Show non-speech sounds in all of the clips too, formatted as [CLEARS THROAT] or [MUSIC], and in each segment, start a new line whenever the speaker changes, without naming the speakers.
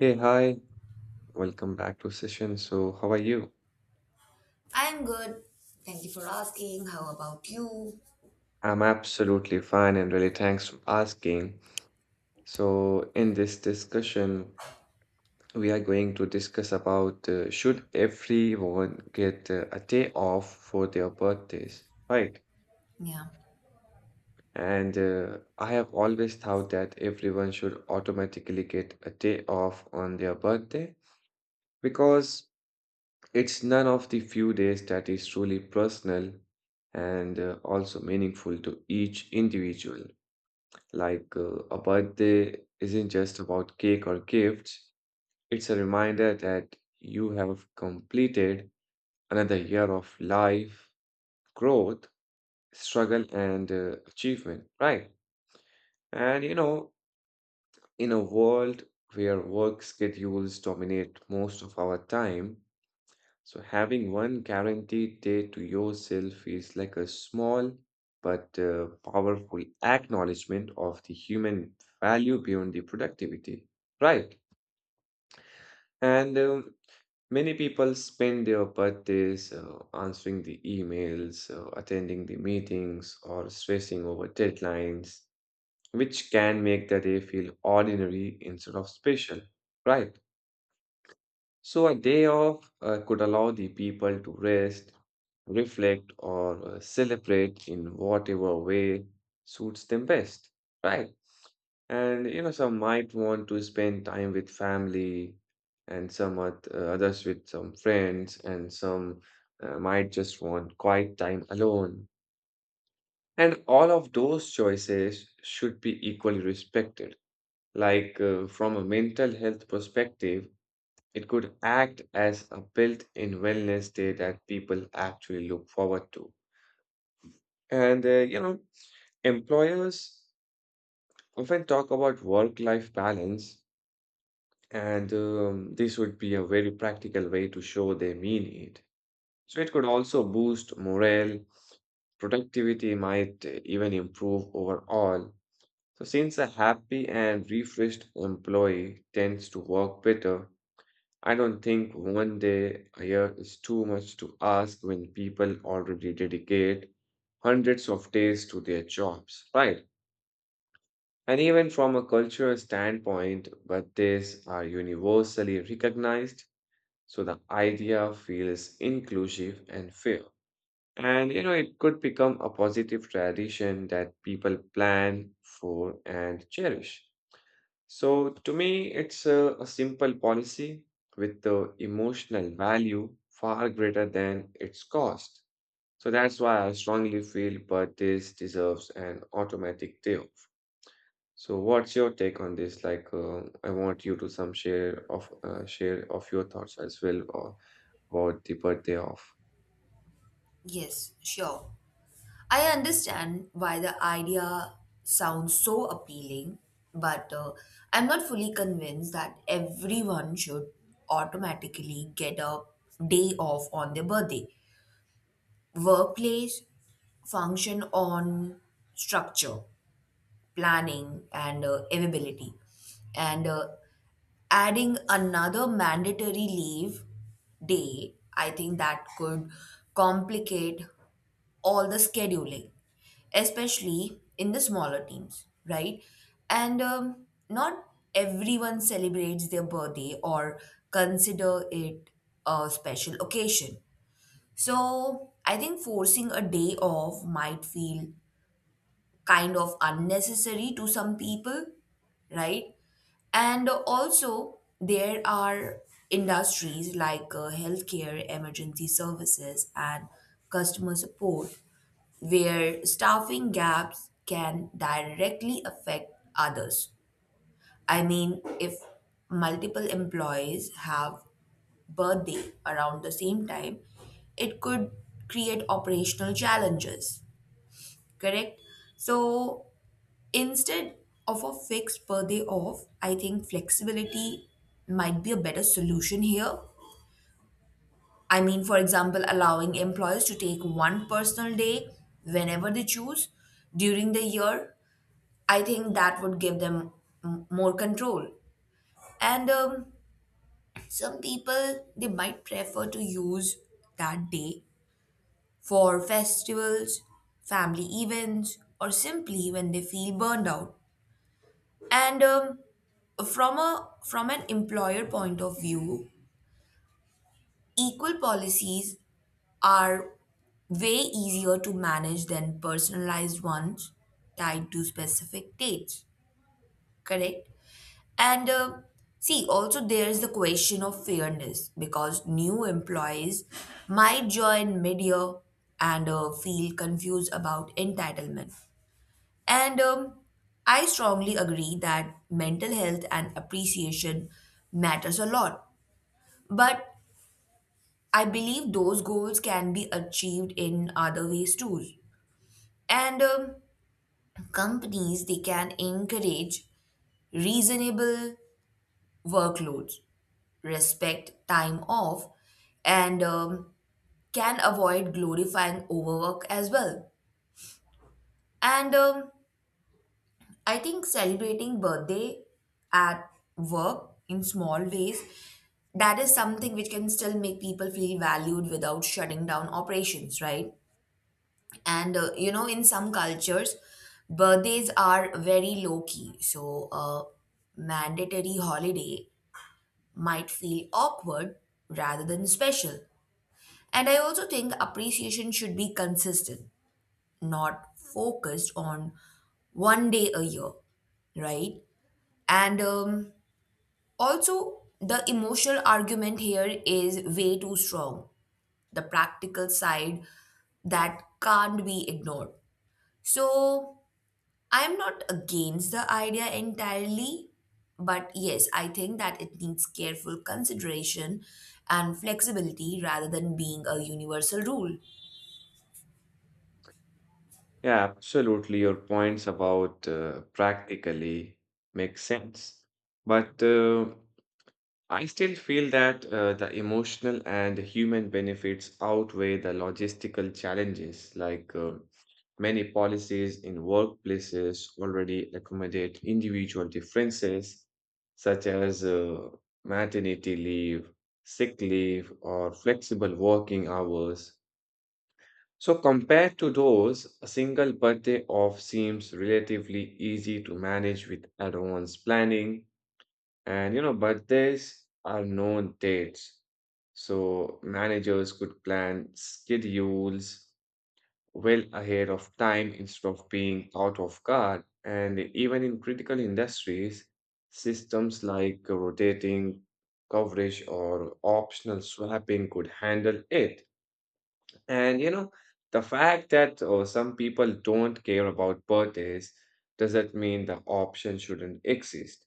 Hey, hi. Welcome back to session. So, how are you?
I'm good. Thank you for asking. How about you?
I'm absolutely fine and really thanks for asking. So, in this discussion, we are going to discuss about should everyone get a day off for their birthdays, right?
Yeah.
And I have always thought that everyone should automatically get a day off on their birthday because it's none of the few days that is truly personal and also meaningful to each individual. Like a birthday isn't just about cake or gifts, it's a reminder that you have completed another year of life, growth, struggle, and achievement, right? And you know, in a world where work schedules dominate most of our time, so having one guaranteed day to yourself is like a small but powerful acknowledgement of the human value beyond the productivity, right? And many people spend their birthdays answering the emails, attending the meetings, or stressing over deadlines, which can make the day feel ordinary instead of special, right? So, a day off could allow the people to rest, reflect, or celebrate in whatever way suits them best, right? And you know, some might want to spend time with family, and others with some friends, and some might just want quiet time alone. And all of those choices should be equally respected. Like, from a mental health perspective, it could act as a built-in wellness day that people actually look forward to. And you know, employers often talk about work-life balance, and this would be a very practical way to show they mean it. So it could also boost morale, productivity might even improve overall. So since a happy and refreshed employee tends to work better, I don't think one day a year is too much to ask when people already dedicate hundreds of days to their jobs, right? And even from a cultural standpoint, birthdays are universally recognized, so the idea feels inclusive and fair. And you know, it could become a positive tradition that people plan for and cherish. So, to me, it's a simple policy with the emotional value far greater than its cost. So, that's why I strongly feel but this deserves an automatic day off. So, what's your take on this? Like, I want you to some share of your thoughts as well or about the birthday off.
Yes, sure. I understand why the idea sounds so appealing, but I'm not fully convinced that everyone should automatically get a day off on their birthday. Workplace function on structure, planning, and availability. And Adding another mandatory leave day, I think that could complicate all the scheduling, especially in the smaller teams, right? And Not everyone celebrates their birthday or consider it a special occasion. So I think forcing a day off might feel kind of unnecessary to some people, right? And also, there are industries like healthcare, emergency services, and customer support where staffing gaps can directly affect others. I mean, if multiple employees have birthday around the same time, it could create operational challenges, correct? So, instead of a fixed per day off, I think flexibility might be a better solution here. I mean, for example, allowing employers to take one personal day whenever they choose during the year. I think that would give them more control. And Some people, they might prefer to use that day for festivals, family events, or simply when they feel burned out. And from a from an employer point of view, equal policies are way easier to manage than personalized ones tied to specific dates. Correct? And See, also there is the question of fairness because new employees might join mid-year and feel confused about entitlement. And I strongly agree that mental health and appreciation matters a lot. But I believe those goals can be achieved in other ways too. And companies they can encourage reasonable workloads, respect time off, and can avoid glorifying overwork as well. And I think celebrating birthday at work in small ways, that is something which can still make people feel valued without shutting down operations, right? And You know, in some cultures, birthdays are very low key. So a mandatory holiday might feel awkward rather than special. And I also think appreciation should be consistent, not focused on one day a year, right? And Also, the emotional argument here is way too strong. The practical side that can't be ignored. So, I'm not against the idea entirely, but yes, I think that it needs careful consideration and flexibility rather than being a universal rule.
Yeah, absolutely. Your points about practically make sense, but I still feel that the emotional and human benefits outweigh the logistical challenges, like many policies in workplaces already accommodate individual differences, such as maternity leave, sick leave, or flexible working hours. So, compared to those, a single birthday off seems relatively easy to manage with advanced planning and you know, birthdays are known dates. So managers could plan schedules well ahead of time instead of being out of guard. And even in critical industries, systems like rotating coverage or optional swapping could handle it. And you know, the fact that some people don't care about birthdays doesn't mean the option shouldn't exist.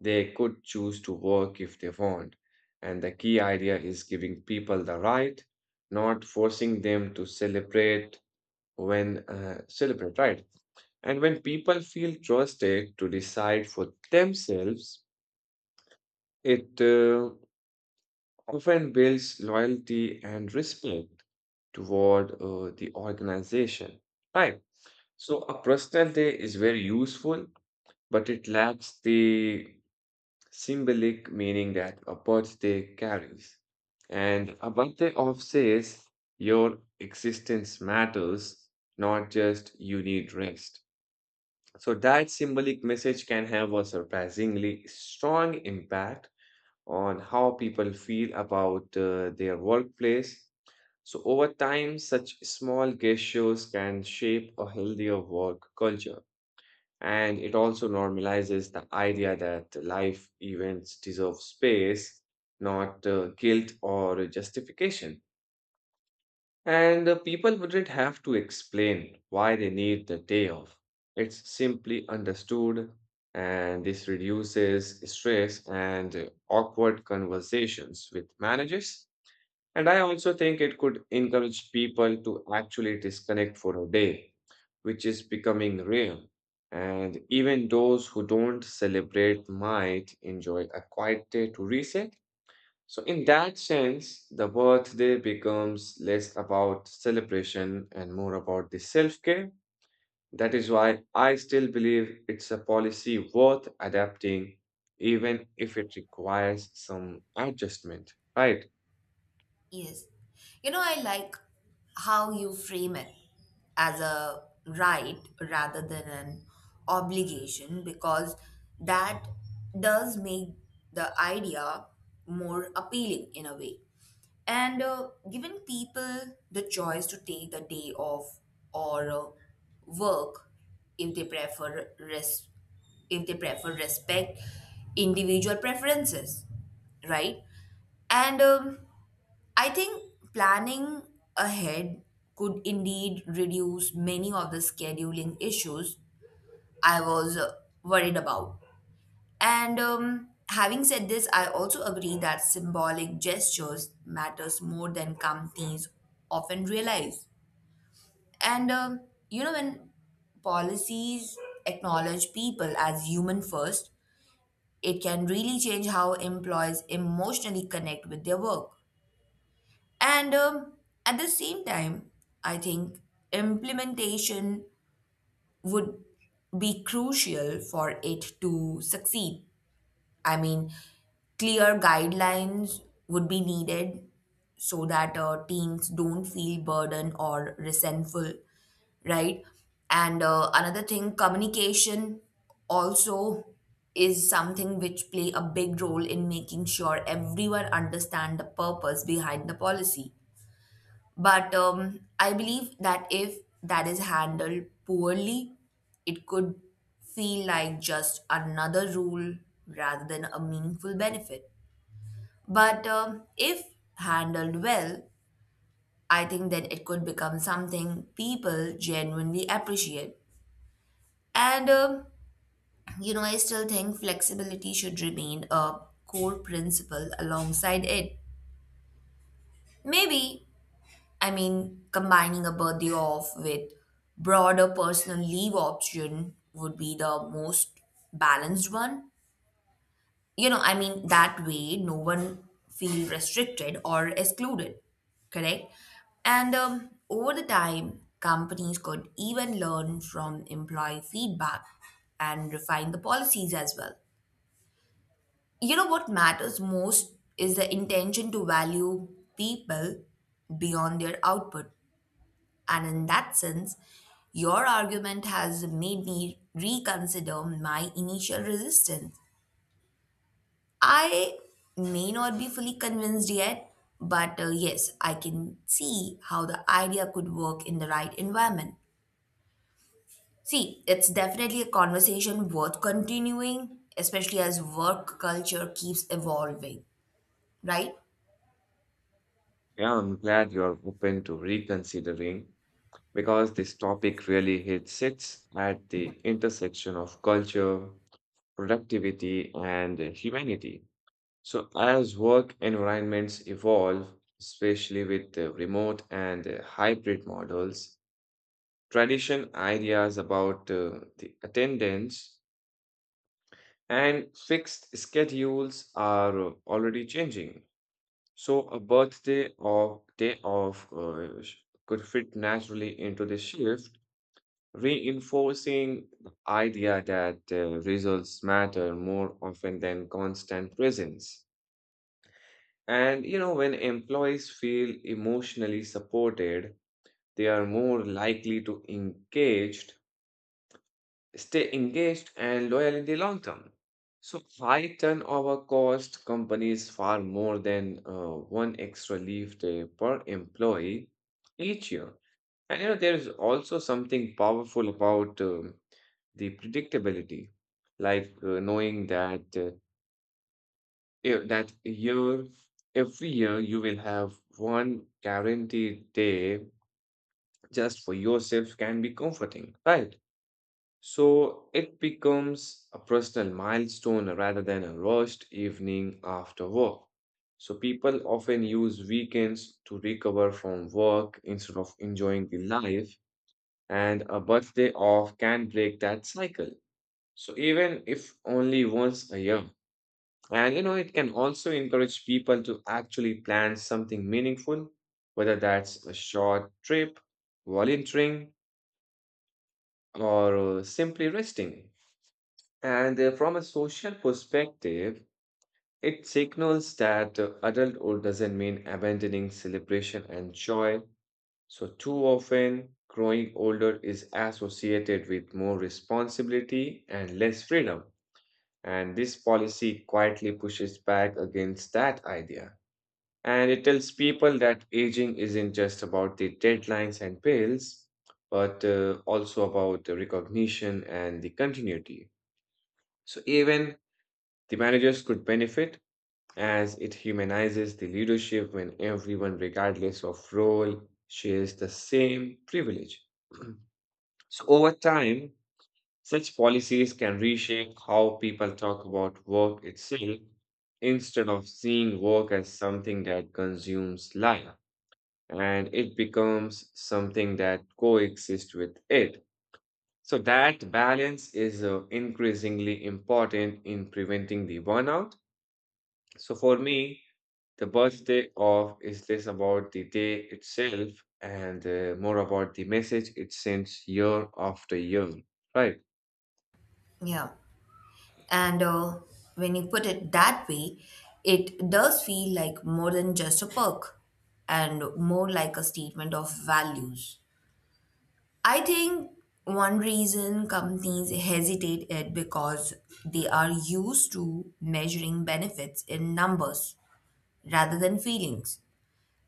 They could choose to work if they want. And the key idea is giving people the right, not forcing them to celebrate when celebrate, right? And when people feel trusted to decide for themselves, it often builds loyalty and respect toward the organization. Right. So a personal day is very useful, but it lacks the symbolic meaning that a birthday carries. And a birthday off says your existence matters, not just you need rest. So that symbolic message can have a surprisingly strong impact on how people feel about their workplace. So over time, such small gestures can shape a healthier work culture. And it also normalizes the idea that life events deserve space, not guilt or justification. And people wouldn't have to explain why they need the day off. It's simply understood, and this reduces stress and awkward conversations with managers. And I also think it could encourage people to actually disconnect for a day, which is becoming rare. And even those who don't celebrate might enjoy a quiet day to reset. So, in that sense, the birthday becomes less about celebration and more about the self care. That is why I still believe it's a policy worth adapting, even if it requires some adjustment, right?
Yes. You know, I like how you frame it as a right rather than an obligation because that does make the idea more appealing in a way. And Giving people the choice to take the day off or work if they prefer res- if they prefer respect individual preferences, right. and I think planning ahead could indeed reduce many of the scheduling issues I was worried about. And Having said this, I also agree that symbolic gestures matters more than companies often realize. And You know, when policies acknowledge people as human first, it can really change how employees emotionally connect with their work. And At the same time, I think implementation would be crucial for it to succeed. I mean, clear guidelines would be needed so that teams don't feel burdened or resentful, right? And Another thing, communication also is something which play a big role in making sure everyone understand the purpose behind the policy, but I believe that if that is handled poorly, it could feel like just another rule rather than a meaningful benefit. But if handled well, I think then it could become something people genuinely appreciate. And You know, I still think flexibility should remain a core principle alongside it. Maybe I mean, combining a birthday off with broader personal leave option would be the most balanced one. You know, I mean, that way no one feel restricted or excluded, correct? And Over the time, companies could even learn from employee feedback and refine the policies as well. You know, what matters most is the intention to value people beyond their output. And in that sense, your argument has made me reconsider my initial resistance. I may not be fully convinced yet, but yes, I can see how the idea could work in the right environment. See, it's definitely a conversation worth continuing, especially as work culture keeps evolving, right?
Yeah, I'm glad you're open to reconsidering because this topic really hits sits at the intersection of culture, productivity, and humanity. So, as work environments evolve, especially with remote and hybrid models, tradition ideas about the attendance and fixed schedules are already changing. So a birthday or day off could fit naturally into the shift, reinforcing the idea that results matter more often than constant presence. And you know, when employees feel emotionally supported, they are more likely to engage stay engaged and loyal in the long term. So, high turnover cost companies far more than one extra leave day per employee each year. And you know, there is also something powerful about the predictability, like knowing that that year, every year you will have one guaranteed day just for yourself can be comforting, right? So it becomes a personal milestone rather than a rushed evening after work. So people often use weekends to recover from work instead of enjoying the life, and a birthday off can break that cycle. So even if only once a year. And you know, it can also encourage people to actually plan something meaningful, whether that's a short trip, volunteering, or simply resting. And from a social perspective, it signals that adulthood doesn't mean abandoning celebration and joy. So, too often, growing older is associated with more responsibility and less freedom. And this policy quietly pushes back against that idea. And it tells people that aging isn't just about the deadlines and bills, but also about the recognition and the continuity. So, even the managers could benefit as it humanizes the leadership when everyone, regardless of role, shares the same privilege. [CLEARS THROAT] So, over time, such policies can reshape how people talk about work itself instead of seeing work as something that consumes life and it becomes something that coexists with it. So, that balance is increasingly important in preventing the burnout. So, for me, the birthday of is less about the day itself and more about the message it sends year after year, right?
Yeah. And When you put it that way, it does feel like more than just a perk and more like a statement of values. I think one reason companies hesitate it because they are used to measuring benefits in numbers rather than feelings.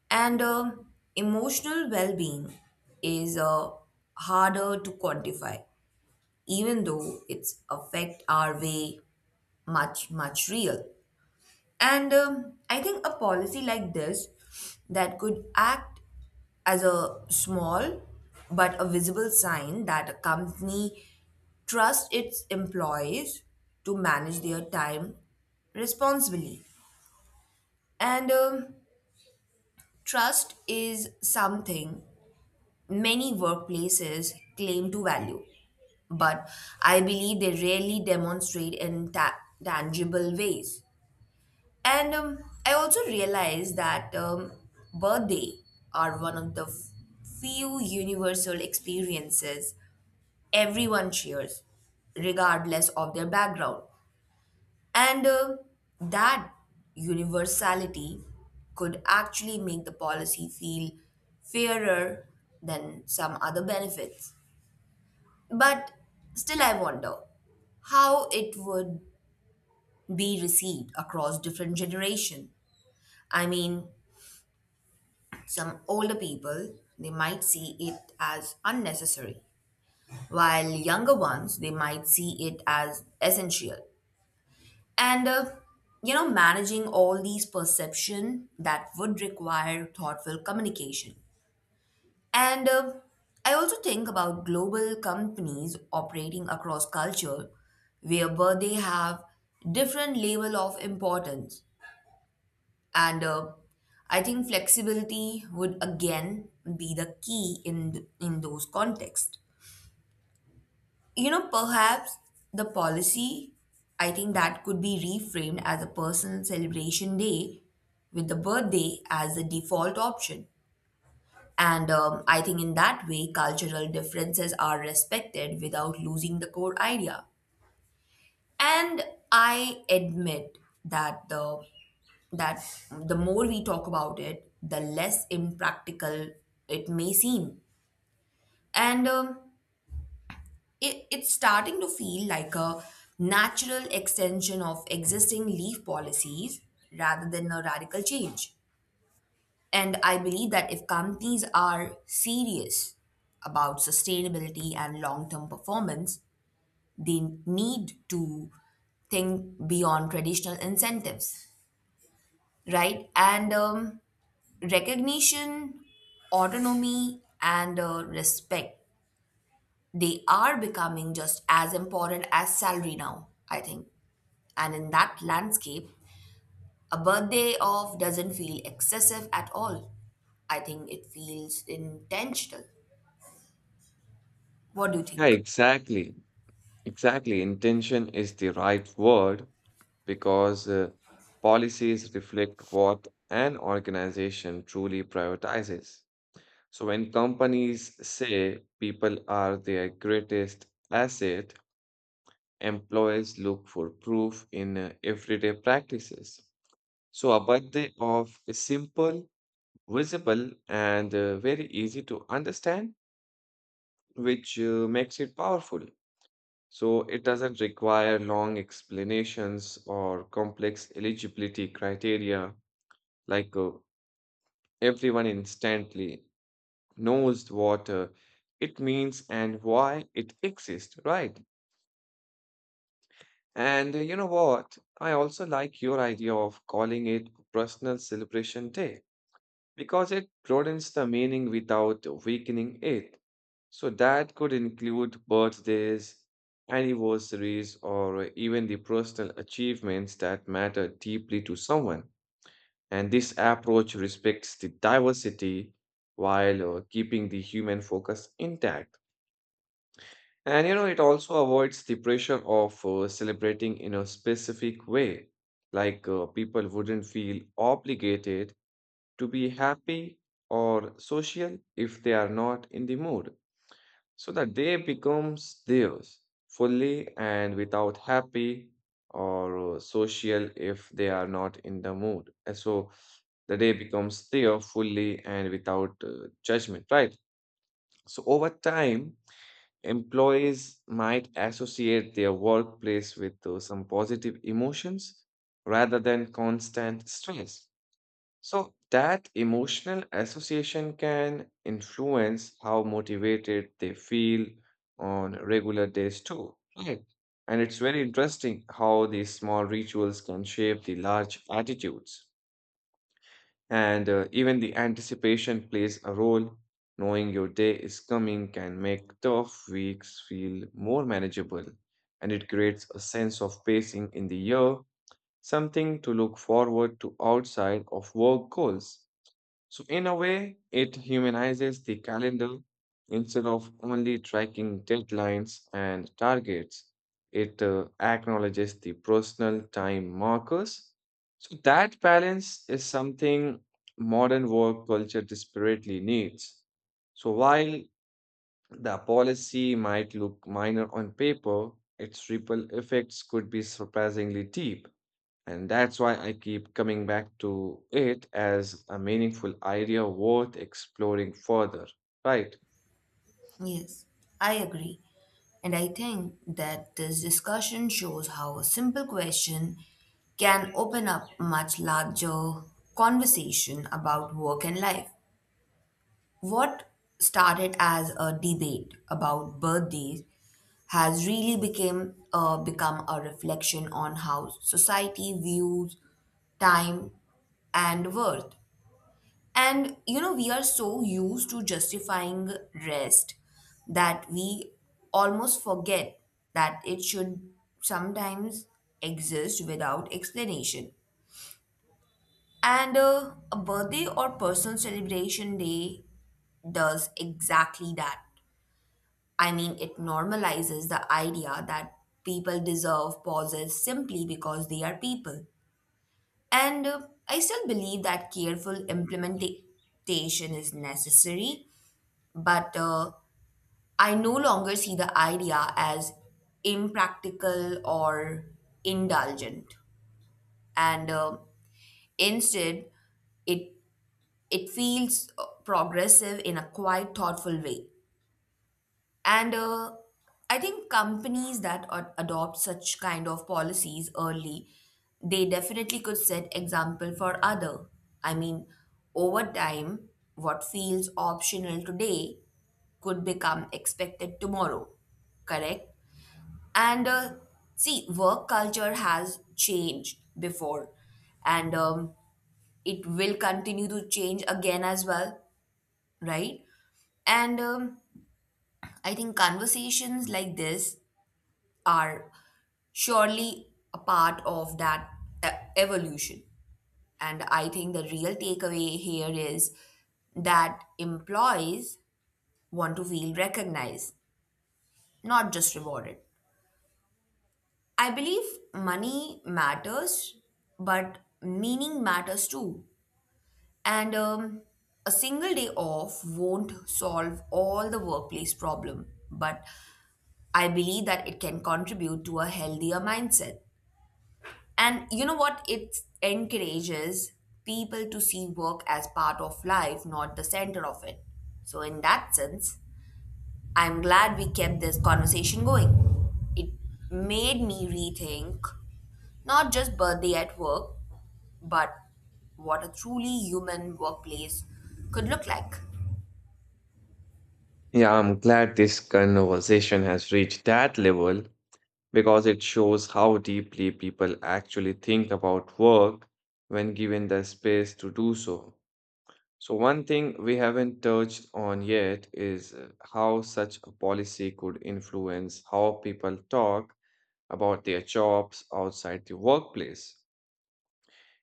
And Emotional well being is harder to quantify, even though its effect are way much real. And I think a policy like this that could act as a small but a visible sign that a company trusts its employees to manage their time responsibly. And Trust is something many workplaces claim to value, but I believe they rarely demonstrate in tangible ways. And I also realized that birthday are one of the few universal experiences everyone shares, regardless of their background. And That universality could actually make the policy feel fairer than some other benefits. But still, I wonder how it would be received across different generations. I mean, some older people, they might see it as unnecessary, while younger ones, they might see it as essential. And You know, managing all these perception that would require thoughtful communication. And I also think about global companies operating across culture, where they have different level of importance. And I think flexibility would again be the key in those contexts. You know, perhaps the policy I think that could be reframed as a personal celebration day with the birthday as the default option. And I think in that way, cultural differences are respected without losing the core idea. And I admit that the that the more we talk about it, the less impractical it may seem. And um, it's starting to feel like a natural extension of existing leaf policies rather than a radical change. And I believe that if companies are serious about sustainability and long term performance, they need to think beyond traditional incentives, right? And Recognition, autonomy, and respect, they are becoming just as important as salary now, I think. And in that landscape, a birthday off doesn't feel excessive at all. I think it feels intentional. What do you
Yeah,
think?
exactly. Exactly. Intention is the right word because policies reflect what an organization truly prioritizes. So when companies say people are their greatest asset, employees look for proof in everyday practices. So, a birthday of a simple, visible, and very easy to understand, which makes it powerful. So, it doesn't require long explanations or complex eligibility criteria, like everyone instantly knows what it means and why it exists, right? And you know what? I also like your idea of calling it Personal Celebration Day because it broadens the meaning without weakening it. So that could include birthdays, anniversaries, or even the personal achievements that matter deeply to someone. And this approach respects the diversity while keeping the human focus intact. And you know, it also avoids the pressure of celebrating in a specific way. Like people wouldn't feel obligated to be happy or social if they are not in the mood, so that day becomes theirs fully and without happy or social if they are not in the mood. And so the day becomes theirs fully and without judgment, right? So over time, employees might associate their workplace with some positive emotions rather than constant stress. So that emotional association can influence how motivated they feel on regular days too, right? And it's very interesting how these small rituals can shape the large attitudes. And even the anticipation plays a role. Knowing your day is coming can make tough weeks feel more manageable, and it creates a sense of pacing in the year, something to look forward to outside of work goals. So, in a way, it humanizes the calendar instead of only tracking deadlines and targets. It acknowledges the personal time markers. So, that balance is something modern work culture desperately needs. So, while the policy might look minor on paper, its ripple effects could be surprisingly deep. And that's why I keep coming back to it as a meaningful idea worth exploring further, right?
Yes, I agree. And I think that this discussion shows how a simple question can open up much larger conversation about work and life. What started as a debate about birthdays has really became become a reflection on how society views time and worth. And you know, we are so used to justifying rest that we almost forget that it should sometimes exist without explanation. And A birthday or personal celebration day does exactly that. I mean, it normalizes the idea that people deserve pauses simply because they are people. And I still believe that careful implementation is necessary, but I no longer see the idea as impractical or indulgent, and instead, it it feels progressive in a quite thoughtful way. And I think companies that adopt such kind of policies early, they definitely could set example for other. I mean, over time, what feels optional today could become expected tomorrow, correct? And See, work culture has changed before, and it will continue to change again as well, right? And I think conversations like this are surely a part of that e- evolution. And I think the real takeaway here is that employees want to feel recognized, not just rewarded. I believe money matters, but meaning matters too. And A single day off won't solve all the workplace problem, but I believe that it can contribute to a healthier mindset. And you know what? It encourages people to see work as part of life, not the center of it. So, in that sense, I'm glad we kept this conversation going. It made me rethink not just birthday at work, but what a truly human workplace could look like.
Yeah, I'm glad this conversation has reached that level because it shows how deeply people actually think about work when given the space to do so. So, one thing we haven't touched on yet is how such a policy could influence how people talk about their jobs outside the workplace.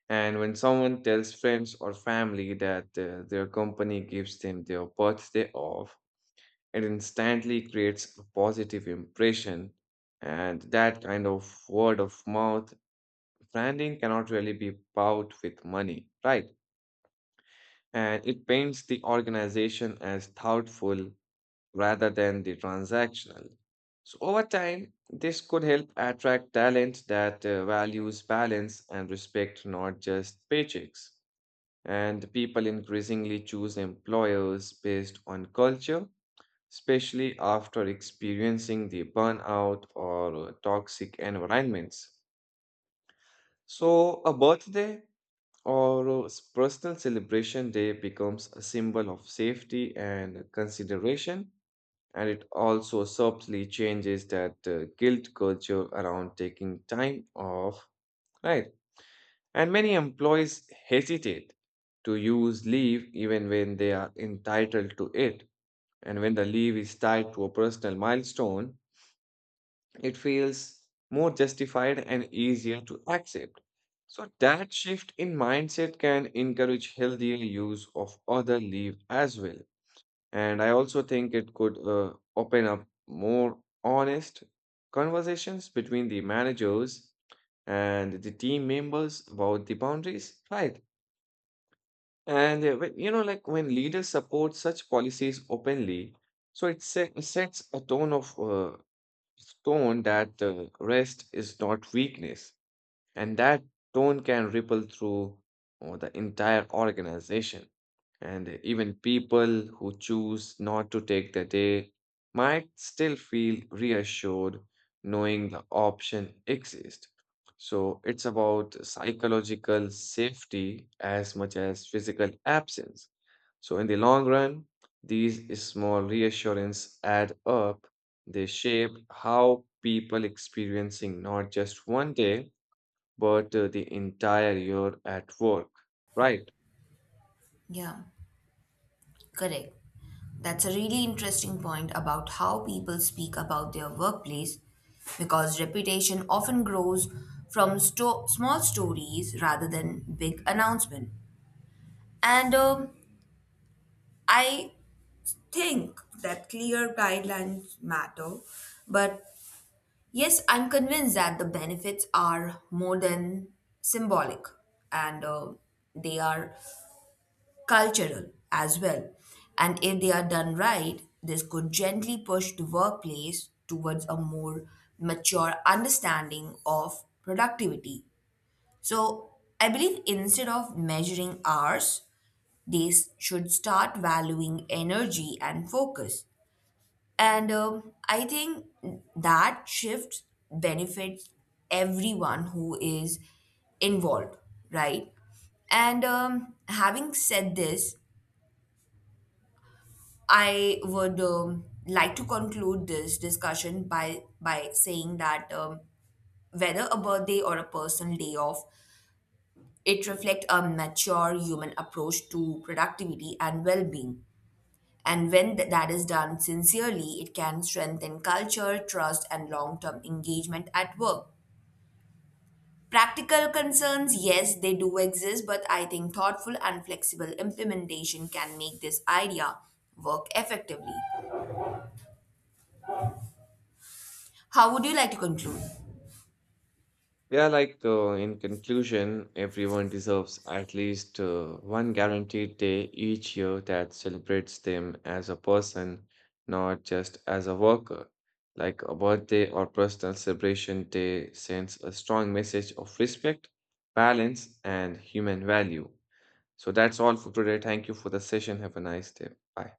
And when someone tells friends or family that their company gives them their birthday off, it instantly creates a positive impression. And that kind of word of mouth branding cannot really be bought with money, right? And it paints the organization as thoughtful rather than the transactional. So, over time, this could help attract talent that values balance and respect, not just paychecks and people increasingly choose employers based on culture, especially after experiencing the burnout or toxic environments. So, a birthday or a personal celebration day becomes a symbol of safety and consideration, and it also subtly changes that guilt culture around taking time off, right? And many employees hesitate to use leave even when they are entitled to it. And when the leave is tied to a personal milestone, it feels more justified and easier to accept. So, that shift in mindset can encourage healthier use of other leave as well. And I also think it could open up more honest conversations between the managers and the team members about the boundaries, right? You know, like when leaders support such policies openly, so it sets a tone of tone that rest is not weakness. And that tone can ripple through the entire organization. And even people who choose not to take the day might still feel reassured knowing the option exists. So it's about psychological safety as much as physical absence. So in the long run, these small reassurance add up. They shape how people experiencing not just one day, but the entire year at work. Right.
Yeah, correct. That's a really interesting point about how people speak about their workplace because reputation often grows from small stories rather than big announcement. And I think that clear guidelines matter, but yes, I'm convinced that the benefits are more than symbolic, and they are cultural as well. And if they are done right, this could gently push the workplace towards a more mature understanding of productivity. So I believe instead of measuring hours, they should start valuing energy and focus, and I think that shift benefits everyone who is involved, right? And Having said this, I would like to conclude this discussion by saying that whether a birthday or a personal day off, it reflects a mature human approach to productivity and well-being. And when that is done sincerely, it can strengthen culture, trust, and long term engagement at work. Practical concerns, yes, they do exist, but I think thoughtful and flexible implementation can make this idea work effectively. How would you like to conclude?
Yeah, like in conclusion, everyone deserves at least one guaranteed day each year that celebrates them as a person, not just as a worker. Like a birthday or personal celebration day sends a strong message of respect, balance, and human value. So that's all for today. Thank you for the session. Have a nice day. Bye.